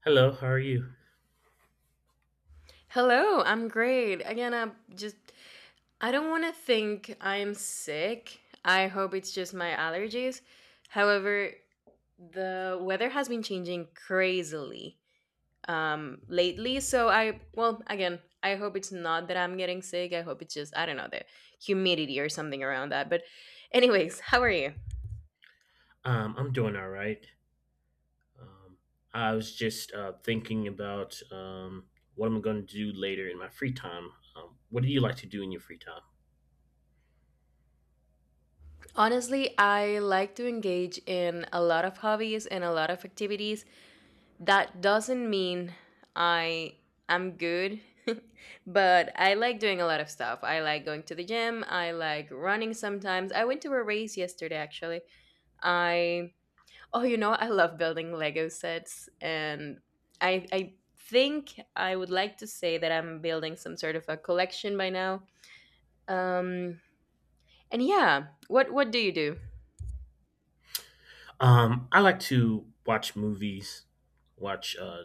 Hello, how are you? Hello, I'm great. I don't want to think I'm sick. I hope it's just my allergies. However, the weather has been changing crazily lately, so I well again, I hope it's not that I'm getting sick. I hope it's just, I don't know, the humidity or something around that. But anyways, how are you? I'm doing all right. Um, I was just thinking about what I'm going to do later in my free time. What do you like to do in your free time? Honestly, I like to engage in a lot of hobbies and a lot of activities. That doesn't mean I am good, but I like doing a lot of stuff. I like going to the gym. I like running sometimes. I went to a race yesterday, actually. I, oh, you know, I love building Lego sets. And I think I would like to say that I'm building some sort of a collection by now. Um, and yeah, what do you do? I like to watch movies, watch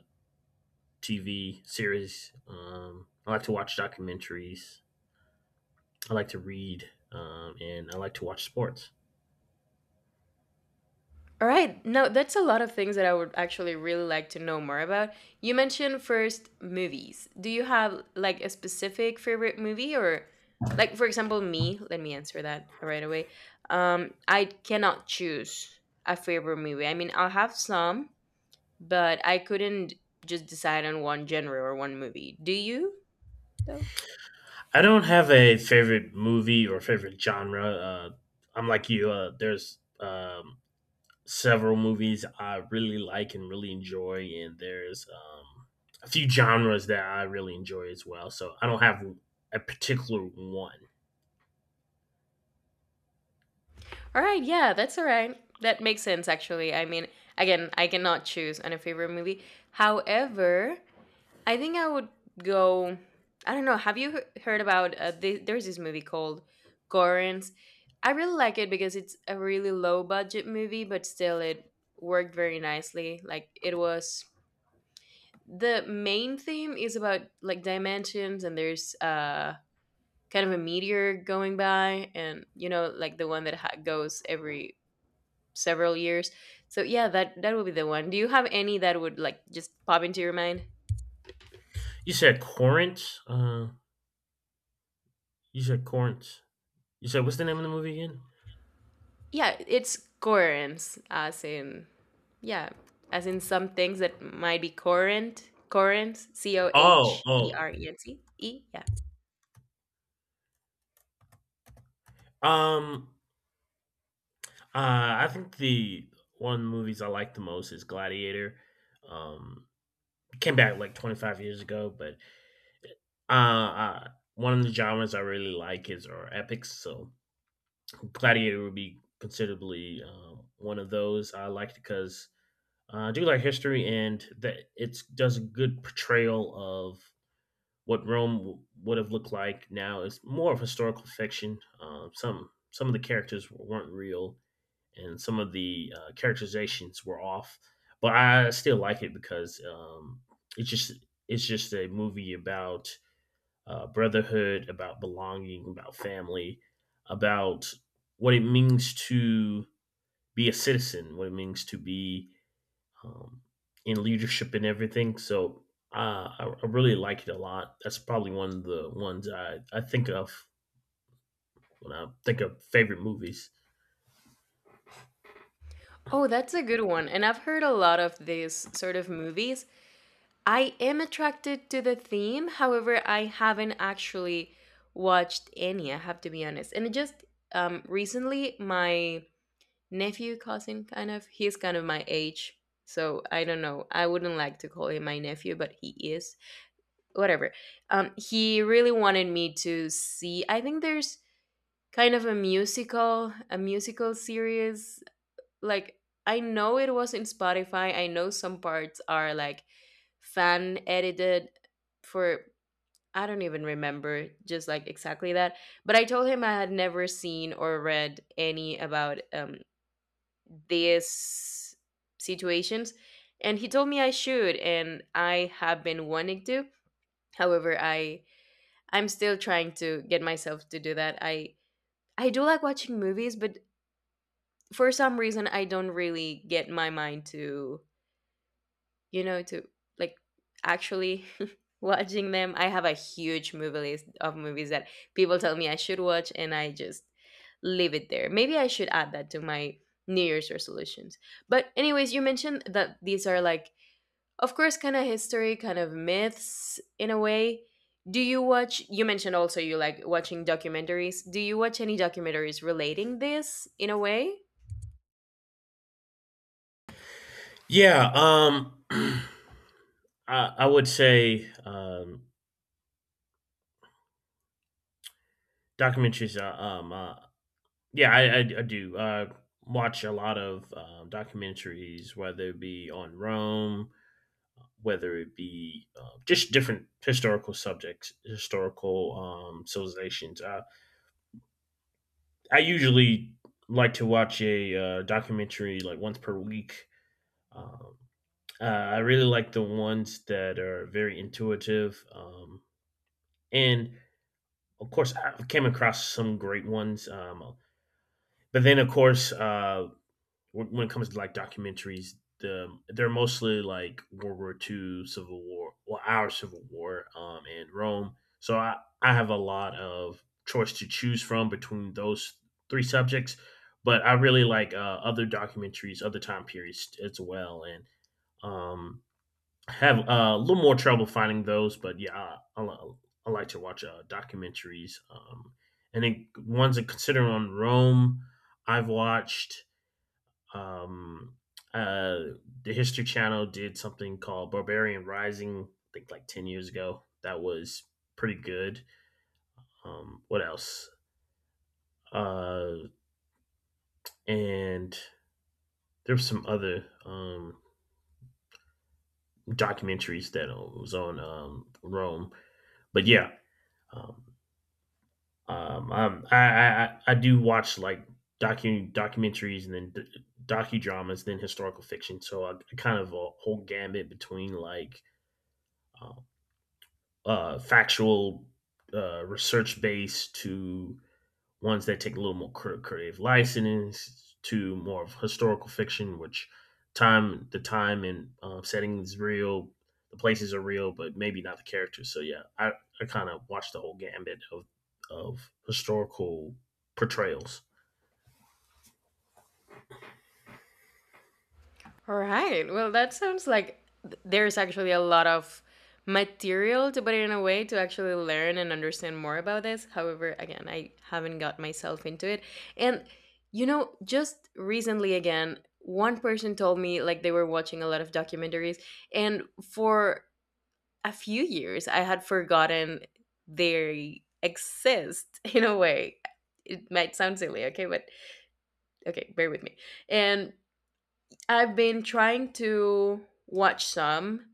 TV series. I like to watch documentaries. I like to read, and I like to watch sports. All right. No, that's a lot of things that I would actually really like to know more about. You mentioned first movies. Do you have like a specific favorite movie? Or like for example me, let me answer that right away. I cannot choose a favorite movie. I mean, I'll have some, but I couldn't just decide on one genre or one movie. Do you though? I don't have a favorite movie or favorite genre. I'm like you. There's several movies I really like and really enjoy, and there's a few genres that I really enjoy as well. So I don't have a particular one. All right, yeah, that's all right. That makes sense actually. I mean, again, I cannot choose on a favorite movie. However, I think I would go. I don't know. Have you heard about there's this movie called Gorins? I really like it because it's a really low budget movie, but still it worked very nicely. Like it was, the main theme is about like dimensions, and there's kind of a meteor going by, and you know like the one that goes every several years. So yeah, that that would be the one. Do you have any that would like just pop into your mind? You said Corinth. You said Corinth. You said what's the name of the movie again? Yeah, it's currents, as in, yeah, as in some things that might be current, currents, C O Oh, H E oh. R E N T E. Yeah. Um, I think the one of the movies I like the most is Gladiator. Um, it came back like 25 years ago, but uh, uh one of the genres I really like is are epics. So Gladiator would be considerably one of those I liked because I do like history and that it does a good portrayal of what Rome would have looked like now. It's more of historical fiction. Some of the characters weren't real and some of the characterizations were off, but I still like it because it's just it's just a movie about brotherhood, about belonging, about family, about what it means to be a citizen, what it means to be um, in leadership and everything. So I really like it a lot. That's probably one of the ones I think of when I think of favorite movies. Oh, that's a good one. And I've heard a lot of these sort of movies. I am attracted to the theme, however, I haven't actually watched any, I have to be honest. And it just, recently my nephew cousin, kind of, he's kind of my age, so I don't know, I wouldn't like to call him my nephew, but he is whatever. He really wanted me to see, I think there's kind of a musical series. Like, I know it was in Spotify. I know some parts are like fan edited for, I don't even remember just like exactly that. But I told him I had never seen or read any about these situations. And he told me I should, and I have been wanting to. However, I'm still trying to get myself to do that. I do like watching movies, but for some reason I don't really get my mind to, you know, to like actually watching them. I have a huge movie list of movies that people tell me I should watch and I just leave it there. Maybe I should add that to my New Year's resolutions. But anyways, you mentioned that these are like, of course, kind of history, kind of myths in a way. Do you watch, you mentioned also you like watching documentaries, do you watch any documentaries relating this in a way? Yeah, I would say documentaries are my yeah, I do. Watch a lot of documentaries, whether it be on Rome, whether it be just different historical subjects, historical civilizations. I usually like to watch a documentary like once per week. Um, I really like the ones that are very intuitive. And of course, I came across some great ones. But then, of course, when it comes to like documentaries, they're mostly like World War Two, Civil War, well, our Civil War, and Rome. So I have a lot of choice to choose from between those three subjects, but I really like other documentaries, other time periods as well, and um, have a little more trouble finding those. But yeah, I like to watch documentaries, and then ones that consider on Rome. I've watched um, uh, the History Channel did something called Barbarian Rising, I think like 10 years ago. That was pretty good. What else? Uh, and there were some other documentaries that was on Rome. But yeah, um, do watch like documentaries and then docudramas, then historical fiction. So I kind of a whole gambit between like uh, factual research base to ones that take a little more creative license to more of historical fiction, which time and setting is real, the places are real, but maybe not the characters. So yeah, I kind of watched the whole gambit of historical portrayals. All right, well that sounds like there's actually a lot of material, to put it in a way, to actually learn and understand more about this. However, again, I haven't got myself into it. And you know, just recently again, one person told me like they were watching a lot of documentaries, and for a few years I had forgotten they exist in a way. It might sound silly, okay, but okay, bear with me. And I've been trying to watch some.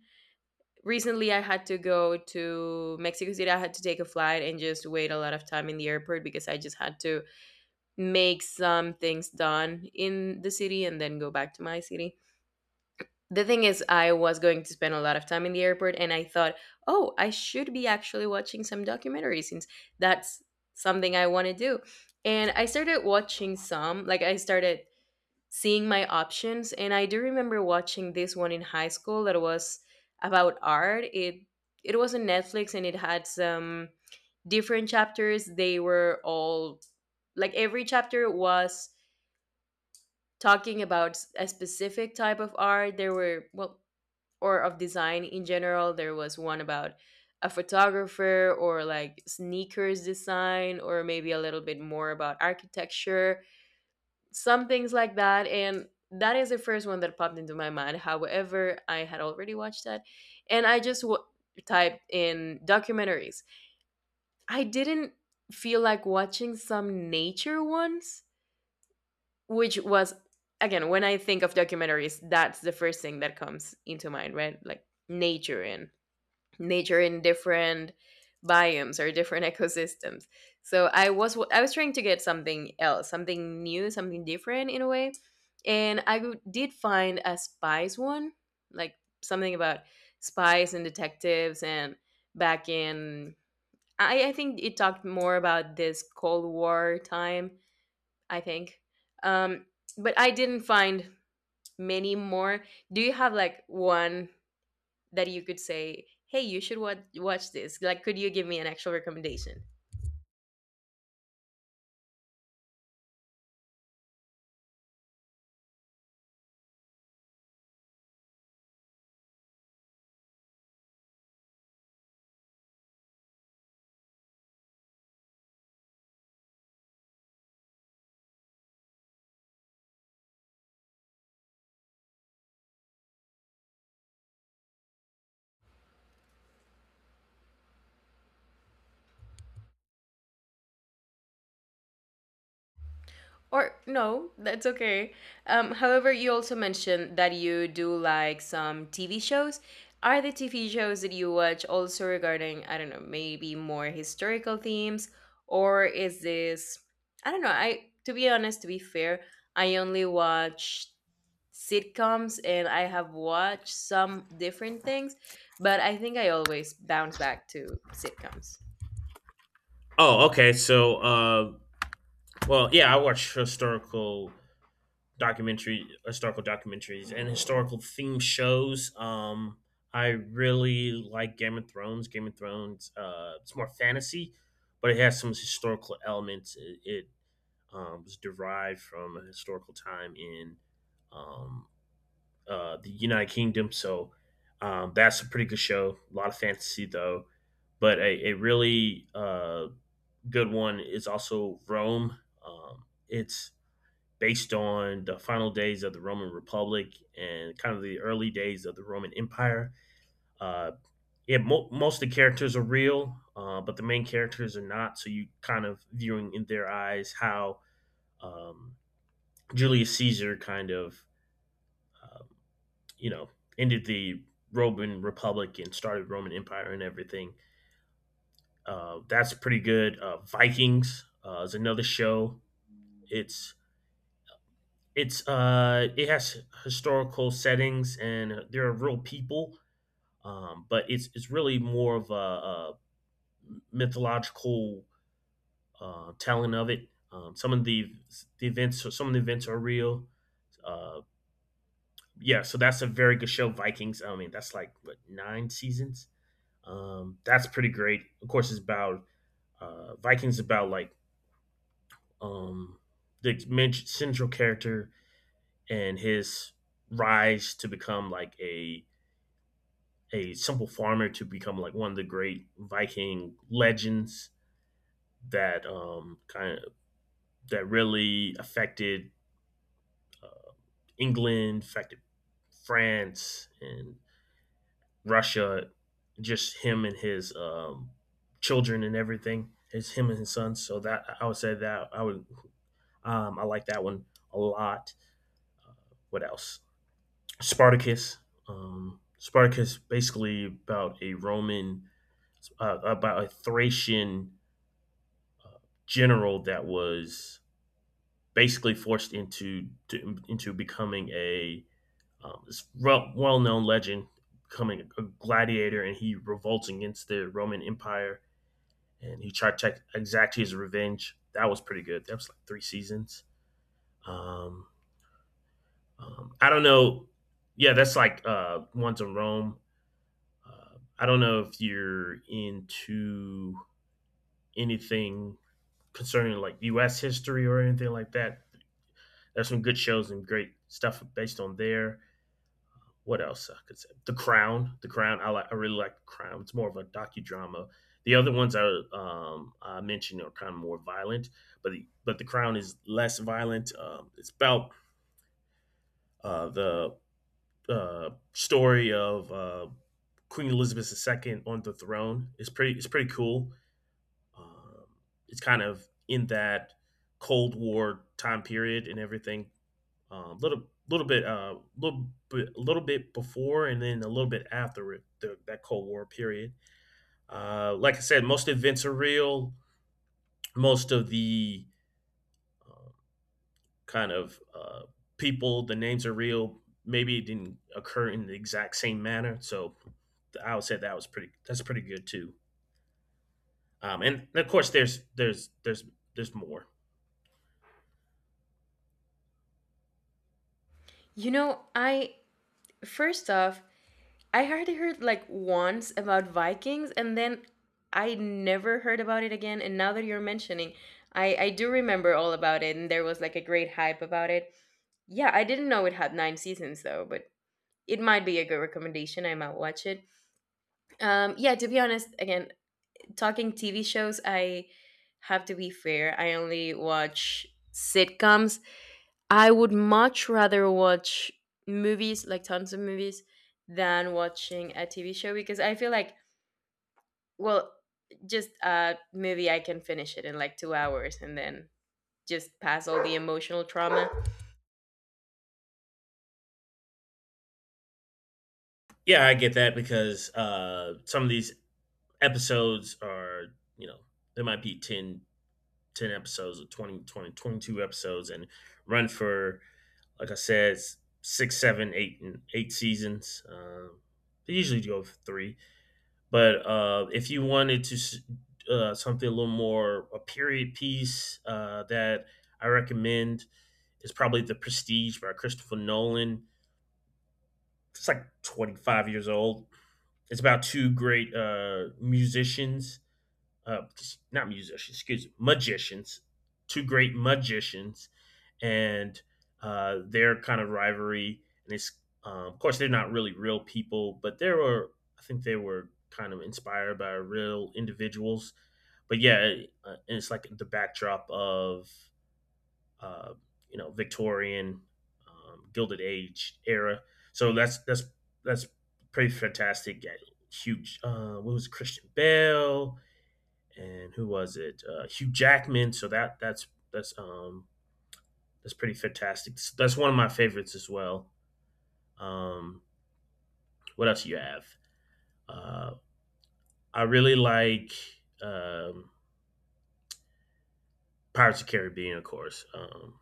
Recently I had to go to Mexico City. I had to take a flight and just wait a lot of time in the airport because I just had to make some things done in the city and then go back to my city. The thing is, I was going to spend a lot of time in the airport and I thought, oh, I should be actually watching some documentaries since that's something I want to do. And I started watching some. Like I started seeing my options, and I do remember watching this one in high school that was about art. It was on Netflix and it had some different chapters. They were all like, every chapter was talking about a specific type of art. There were, well, or of design in general. There was one about a photographer, or like sneakers design, or maybe a little bit more about architecture, some things like that. And that is the first one that popped into my mind. However, I had already watched that and I just typed in documentaries. I didn't feel like watching some nature ones, which was, again, when I think of documentaries, that's the first thing that comes into mind, right? Like nature and nature in different biomes or different ecosystems. So I was trying to get something else, something new, something different in a way, and I did find a spies one, like something about spies and detectives, and back in, I think it talked more about this Cold War time. I think, um, but I didn't find many more. Do you have like one that you could say, "Hey, you should watch this." Like, could you give me an actual recommendation? Or no, that's okay. However, you also mentioned that you do like some TV shows. Are the TV shows that you watch also regarding, I don't know, maybe more historical themes? Or is this, I don't know, I, to be honest, to be fair, I only watch sitcoms, and I have watched some different things, but I think I always bounce back to sitcoms. Oh, okay. So, well, yeah, I watch historical documentary, historical documentaries, and historical theme shows. I really like Game of Thrones. Game of Thrones, it's more fantasy, but it has some historical elements. It was derived from a historical time in um, the United Kingdom, so that's a pretty good show. A lot of fantasy though, but a really good one is also Rome. It's based on the final days of the Roman Republic and kind of the early days of the Roman Empire. Uh, yeah, most of the characters are real, but the main characters are not. So you kind of viewing in their eyes how um, Julius Caesar kind of, um, you know, ended the Roman Republic and started Roman Empire and everything. That's pretty good. Vikings is another show. It's It's it has historical settings and there are real people, but it's really more of a mythological telling of it. Some of the events, so some of the events are real. Uh, yeah, so that's a very good show, Vikings. I mean, that's like what nine seasons. That's pretty great. Of course, it's about Vikings about like um, the main central character and his rise to become like a simple farmer to become like one of the great Viking legends that that really affected England, affected France and Russia. Just him and his children and everything. It's him and his sons. So that I would say that I would I like that one a lot. What else? Spartacus. Spartacus basically about a Roman about a Thracian general that was basically forced into becoming a um, well known legend, becoming a gladiator, and he revolts against the Roman Empire, and he tried to exact his revenge. That was pretty good. That was like three seasons. Um, I don't know. Yeah, that's like Once in Rome. I don't know if you're into anything concerning like U.S. history or anything like that. There's some good shows and great stuff based on there. What else I could say? The Crown. The Crown. I like. I really like The Crown. It's more of a docudrama. The other ones I mentioned are kind of more violent, but but The Crown is less violent. It's about the story of Queen Elizabeth II on the throne. It's pretty. It's pretty cool. Um, it's kind of in that Cold War time period and everything a little little bit uh little a little bit before and then a little bit after that Cold War period. Like I said, most events are real. Most of the uh, kind of uh, people, the names are real. Maybe it didn't occur in the exact same manner, so I would say that was pretty. That's pretty good too. And of course, there's more. You know, I, first off, I hardly heard like once about Vikings, and then I never heard about it again. And now that you're mentioning, I do remember all about it, and there was like a great hype about it. Yeah, I didn't know it had nine seasons though, but it might be a good recommendation. I might watch it. Yeah, to be honest, again, talking TV shows, I have to be fair. I only watch sitcoms. I would much rather watch movies, like tons of movies, than watching a TV show because I feel like, well, just a movie I can finish it in like two hours and then just pass all the emotional trauma. Yeah, I get that because some of these episodes are you know there might be 10 episodes or 22 episodes and run for, like I said, six, seven, eight, and eight seasons. They usually go for three. But if you wanted to, something a little more, a period piece that I recommend is probably The Prestige by Christopher Nolan. It's like 25 years old. It's about two great musicians uh, not musicians, excuse me, magicians, two great magicians, and their kind of rivalry. And it's, of course, they're not really real people, but there were, I think they were kind of inspired by real individuals. But yeah, and it's like the backdrop of, uh, you know, Victorian, Gilded Age era. So that's pretty fantastic. Yeah, huge. What was it, Christian Bale? And who was it? Hugh Jackman. So that's pretty fantastic. That's one of my favorites as well. Um, what else do you have? Uh, I really like um, Pirates of the Caribbean, of course.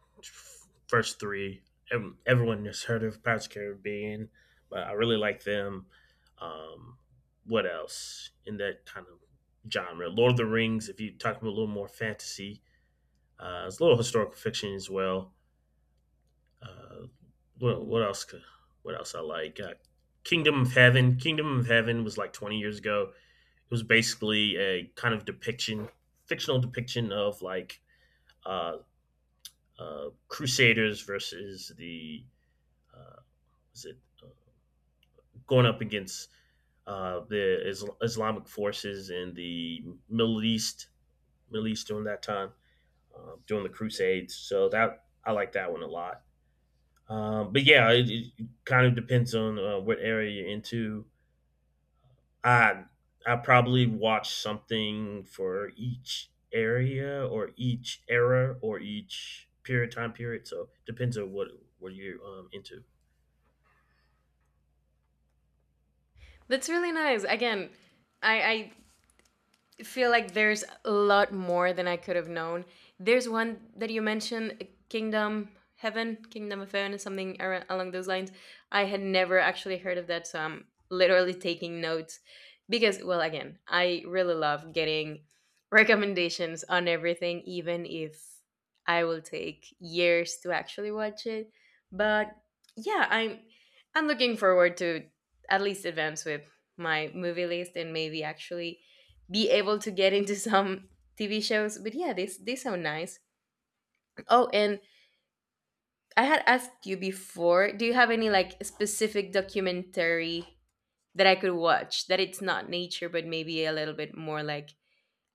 First three, everyone has heard of Pirates of the Caribbean, but I really like them. Um, what else in that kind of genre? Lord of the Rings, if you talk about a little more fantasy, it's a little historical fiction as well. Uh, well, what else? What else I like? Kingdom of Heaven. Kingdom of Heaven was like 20 years ago. It was basically a kind of depiction, fictional depiction of like uh, Crusaders versus the uh, was it uh, going up against the Islamic forces in the Middle East, Middle East during that time, during the Crusades. So that I like that one a lot. But yeah, it kind of depends on what area you're into. I I probably watch something for each area or each era or each period time period. So depends on what you're into. That's really nice. Again, I feel like there's a lot more than I could have known. There's one that you mentioned, Kingdom Heaven, Kingdom of Heaven, something along those lines. I had never actually heard of that, so I'm literally taking notes because, well, again, I really love getting recommendations on everything, even if I will take years to actually watch it. But yeah, I'm looking forward to at least advance with my movie list and maybe actually be able to get into some TV shows. But yeah, they sound nice. Oh, and I had asked you before, do you have any like specific documentary that I could watch that it's not nature but maybe a little bit more like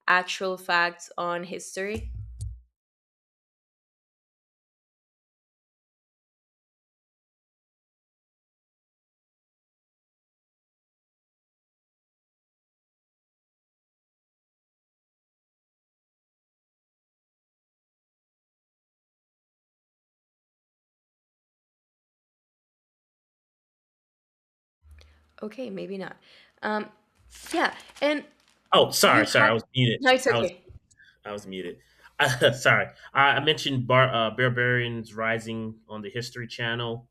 actual facts on history? Okay, maybe not. Um yeah, and Oh, you sorry, sorry, had— I was muted. No, it's I was okay. I was muted. Sorry, I mentioned Barbarians Rising on the History Channel.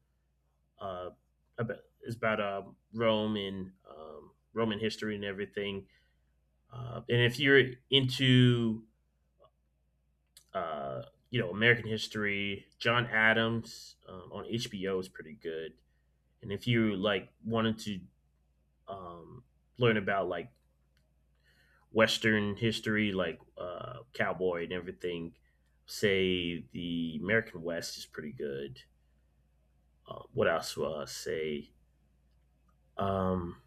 Uh, it's about Rome and Roman history and everything. And if you're into uh, you know American history, John Adams on HBO is pretty good. And if you like wanted to um, learn about like Western history, like cowboy and everything, say the American West is pretty good. What else will I say? Um,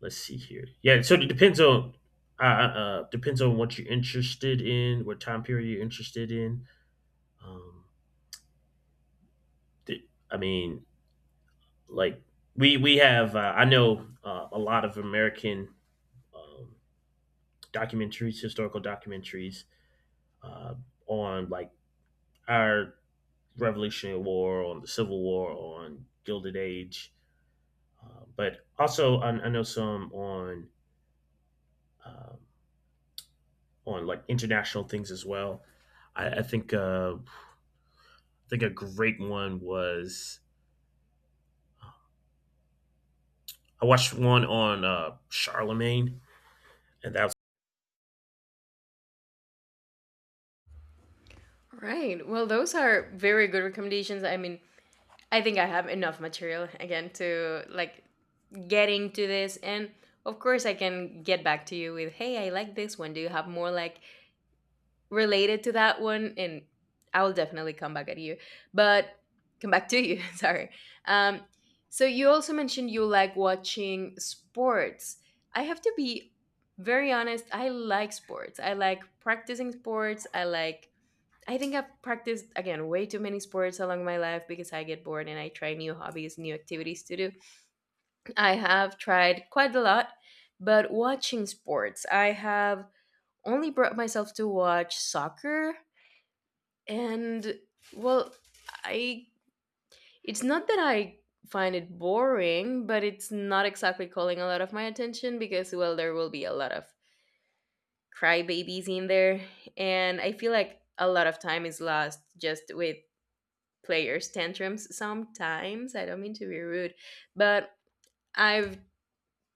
let's see here. Yeah, so it depends on depends on what you're interested in, what time period you're interested in. Um, I mean, like we have. I know a lot of American um, documentaries, historical documentaries uh, on like our Revolutionary War, on the Civil War, on Gilded Age, but also I know some um, on like international things as well. I think I think a great one was I watched one on Charlemagne, and that was Right. Well, those are very good recommendations. I mean, I think I have enough material again to like getting to this. And of course I can get back to you with, hey, I like this one, do you have more like related to that one? And I will definitely come back at you, but come back to you, sorry. um so you also mentioned you like watching sports. I have to be very honest, I like sports, I like practicing sports, I think I've practiced, again, way too many sports along my life because I get bored and I try new hobbies, new activities to do. I have tried quite a lot, but watching sports, I have only brought myself to watch soccer. And well, I it's not that I find it boring, but it's not exactly calling a lot of my attention because, well, there will be a lot of crybabies in there and I feel like a lot of time is lost just with players tantrums sometimes. I don't mean to be rude, but I've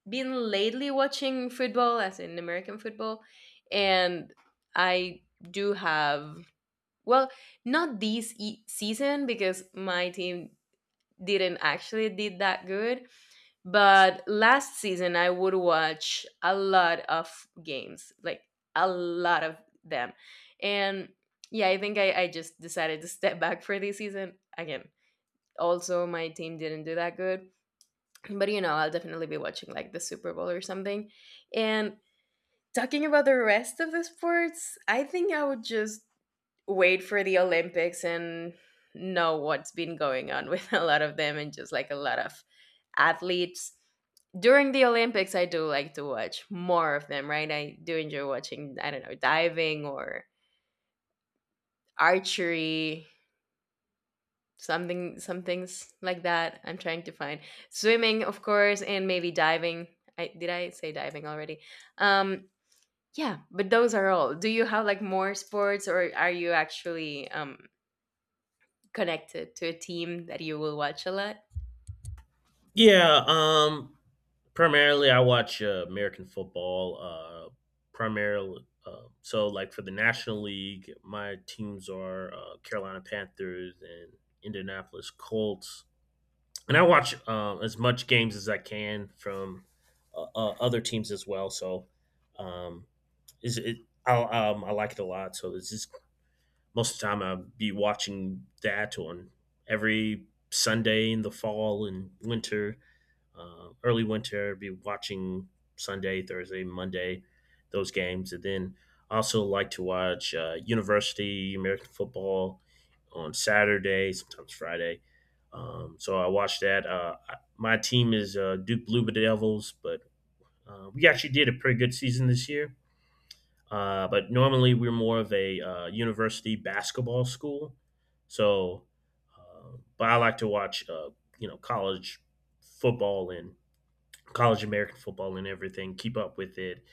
been lately watching football, as in American football, and I do have, well, not season because my team didn't actually did that good, but last season I would watch a lot of games, like a lot of them, and yeah, I think I just decided to step back for this season again. Also, my team didn't do that good, but you know, I'll definitely be watching like the Super Bowl or something. And talking about the rest of the sports, I think I would just wait for the Olympics and know what's been going on with a lot of them and just like a lot of athletes. During the Olympics, I do like to watch more of them, right? I do enjoy watching, I don't know, diving or archery, some things like that. I'm trying to find swimming, of course, and maybe diving. I did I say diving already? Um Yeah, but those are all. Do you have like more sports or are you actually connected to a team that you will watch a lot? yeah. Primarily, I watch American football. Primarily, so like for the National League, my teams are Carolina Panthers and Indianapolis Colts, and I watch as much games as I can from other teams as well. So, um, is it? I, I like it a lot. So it's just most of the time I'll be watching that on every Sunday in the fall and winter, early winter. I'll be watching Sunday, Thursday, Monday, those games, and then I also like to watch University American football on Saturday, sometimes Friday. So I watch that. My team is Duke Blue Devils, but we actually did a pretty good season this year. But normally we're more of a university basketball school. So, but I like to watch, you know, college football and college American football and everything. Keep up with it,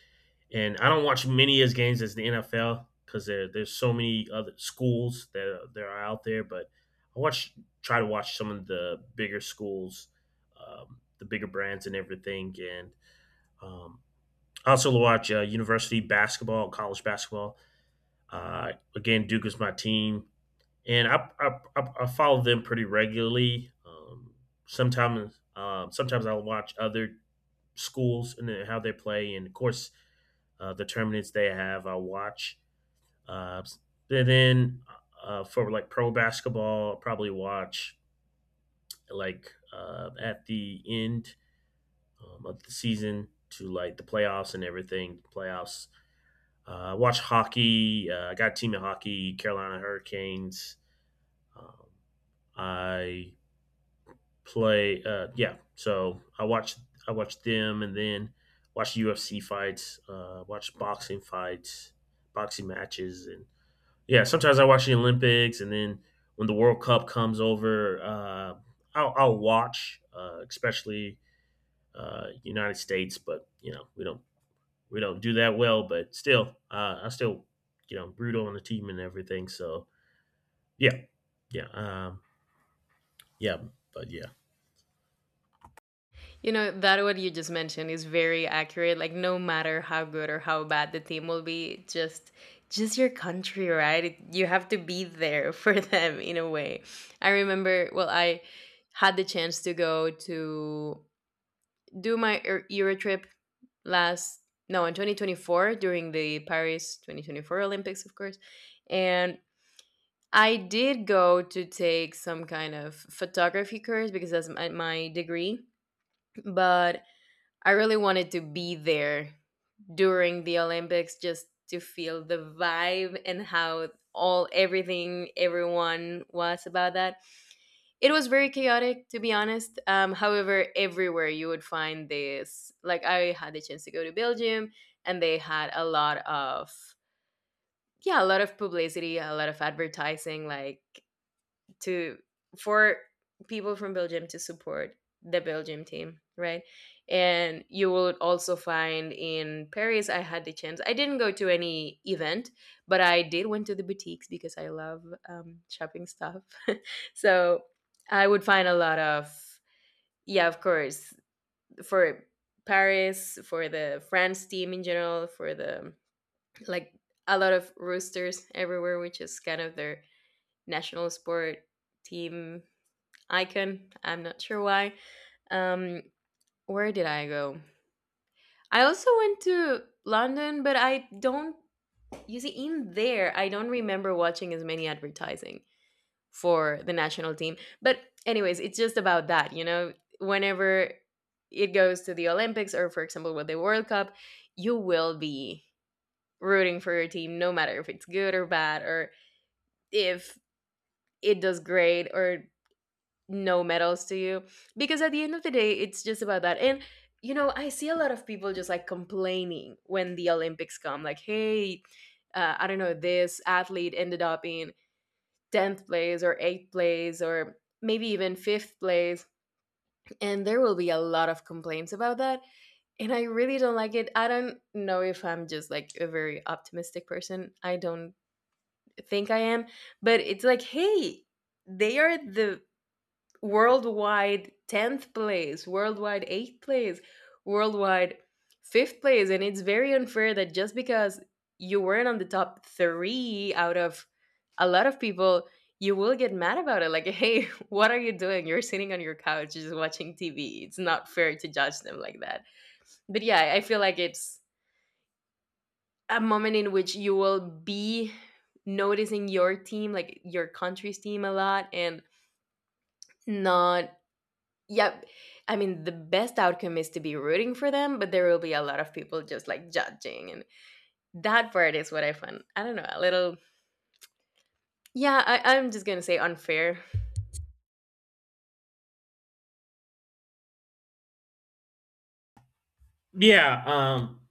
and I don't watch many as games as the NFL because there's so many other schools that are out there. But I watch try to watch some of the bigger schools, the bigger brands and everything, and um, I also watch university basketball, college basketball. Again, Duke is my team, and I follow them pretty regularly. Sometimes I'll watch other schools and how they play, and of course the tournaments they have. I watch. Uh, and then for like pro basketball, I'll probably watch like at the end of the season to like the playoffs and everything. Playoffs. Watch hockey. I got a team in hockey, Carolina Hurricanes. Um, I play. Yeah, so I watch them, and then watch UFC fights, watch boxing fights, boxing matches, and yeah, sometimes I watch the Olympics, and then when the World Cup comes over, I'll watch, especially United States, but you know we don't do that well, but still, I still you know root on the team and everything. So yeah, yeah, yeah, but yeah. You know, that what you just mentioned is very accurate. Like no matter how good or how bad the team will be, just your country, right? It, you have to be there for them in a way. I remember, well, I had the chance to go to do my Euro trip last, no, in 2024 during the Paris 2024 Olympics, of course. And I did go to take some kind of photography course because that's my degree, but I really wanted to be there during the Olympics just to feel the vibe and how all everything everyone was about that. It was very chaotic, to be honest. However, everywhere you would find this, like I had the chance to go to Belgium and they had a lot of, yeah, a lot of publicity, a lot of advertising, like, to, for people from Belgium to support the Belgium team, right? And you will also find in Paris I had the chance. I didn't go to any event, but I did went to the boutiques because I love shopping stuff. So I would find a lot of, yeah, of course, for Paris, for the France team in general, for the, like, a lot of roosters everywhere, which is kind of their national sport team icon. I'm not sure why. Um, where did I go? I also went to London, but I don't. You see, in there, I don't remember watching as many advertising for the national team. But anyways, it's just about that. You know, whenever it goes to the Olympics or, for example, with the World Cup, you will be rooting for your team, no matter if it's good or bad, or if it does great or no medals to you, because at the end of the day it's just about that. And you know, I see a lot of people just like complaining when the Olympics come, like, hey, I don't know, this athlete ended up in 10th place or 8th place or maybe even 5th place, and there will be a lot of complaints about that. And I really don't like it. I don't know if I'm just like a very optimistic person, I don't think I am, but it's like, hey, they are the worldwide 10th place, worldwide 8th place, worldwide 5th place. And it's very unfair that just because you weren't on the top three out of a lot of people, you will get mad about it. Like, hey, what are you doing? You're sitting on your couch just watching TV. It's not fair to judge them like that. But yeah, I feel like it's a moment in which you will be noticing your team, like your country's team, a lot, and not, yeah, I mean, the best outcome is to be rooting for them, but there will be a lot of people just like judging, and that part is what I find, I don't know, a little, yeah, I'm just gonna say unfair. Yeah,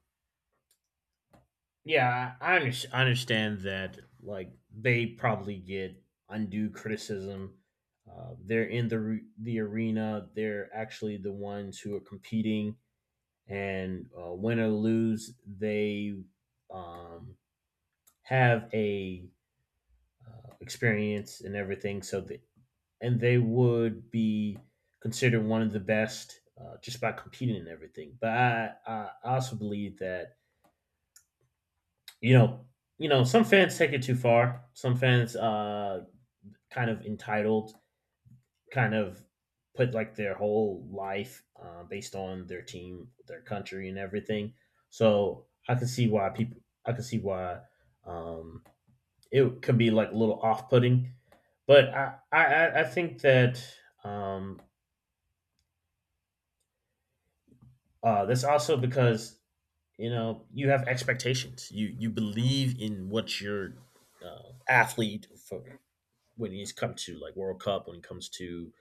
yeah, I understand that like they probably get undue criticism. They're in the the arena. They're actually the ones who are competing, and win or lose, they um, have a experience and everything. So the, and they would be considered one of the best just by competing and everything. But I also believe that you know, you know, some fans take it too far. Some fans kind of entitled, kind of put like their whole life based on their team, their country, and everything. So I can see why people, I can see why um, it could be like a little off-putting. But I think that um, that's also because you know you have expectations. You believe in what your athlete for when it's come to like World Cup, when it comes to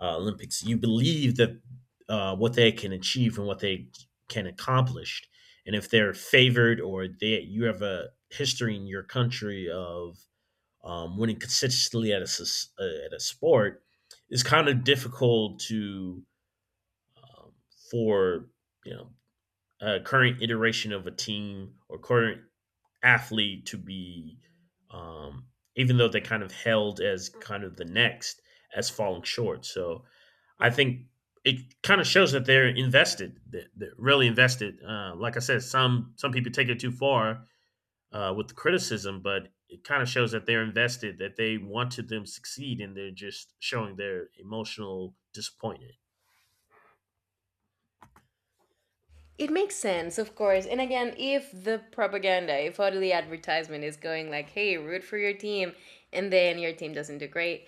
Olympics, you believe that what they can achieve and what they can accomplish, and if they're favored or they you have a history in your country of winning consistently at a sport, it's kind of difficult to um, for you know a current iteration of a team or current athlete to be, um, even though they kind of held as kind of the next as falling short. So I think it kind of shows that they're invested, that they're really invested. Like I said, some people take it too far with the criticism, but it kind of shows that they're invested, that they want to them succeed, and they're just showing their emotional disappointment. It makes sense, of course, and again, if the propaganda, if all the advertisement is going like, hey, root for your team, and then your team doesn't do great,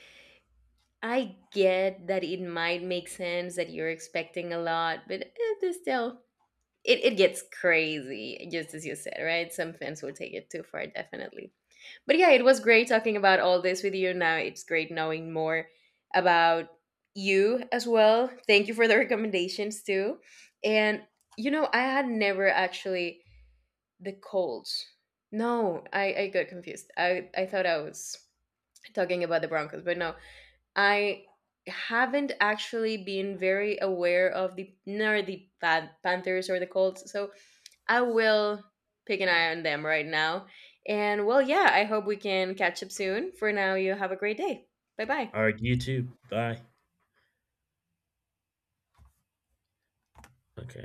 I get that it might make sense that you're expecting a lot, but still, it gets crazy, just as you said, right? Some fans will take it too far, definitely. But yeah, it was great talking about all this with you. Now it's great knowing more about you as well. Thank you for the recommendations too. And you know, I had never actually the Colds. No, I got confused. I thought I was talking about the Broncos, but no, I haven't actually been very aware of the nor the Panthers or the Colts. So I will pick an eye on them right now. And well, yeah, I hope we can catch up soon. For now, you have a great day. Bye bye. All right, you too. Bye. Okay.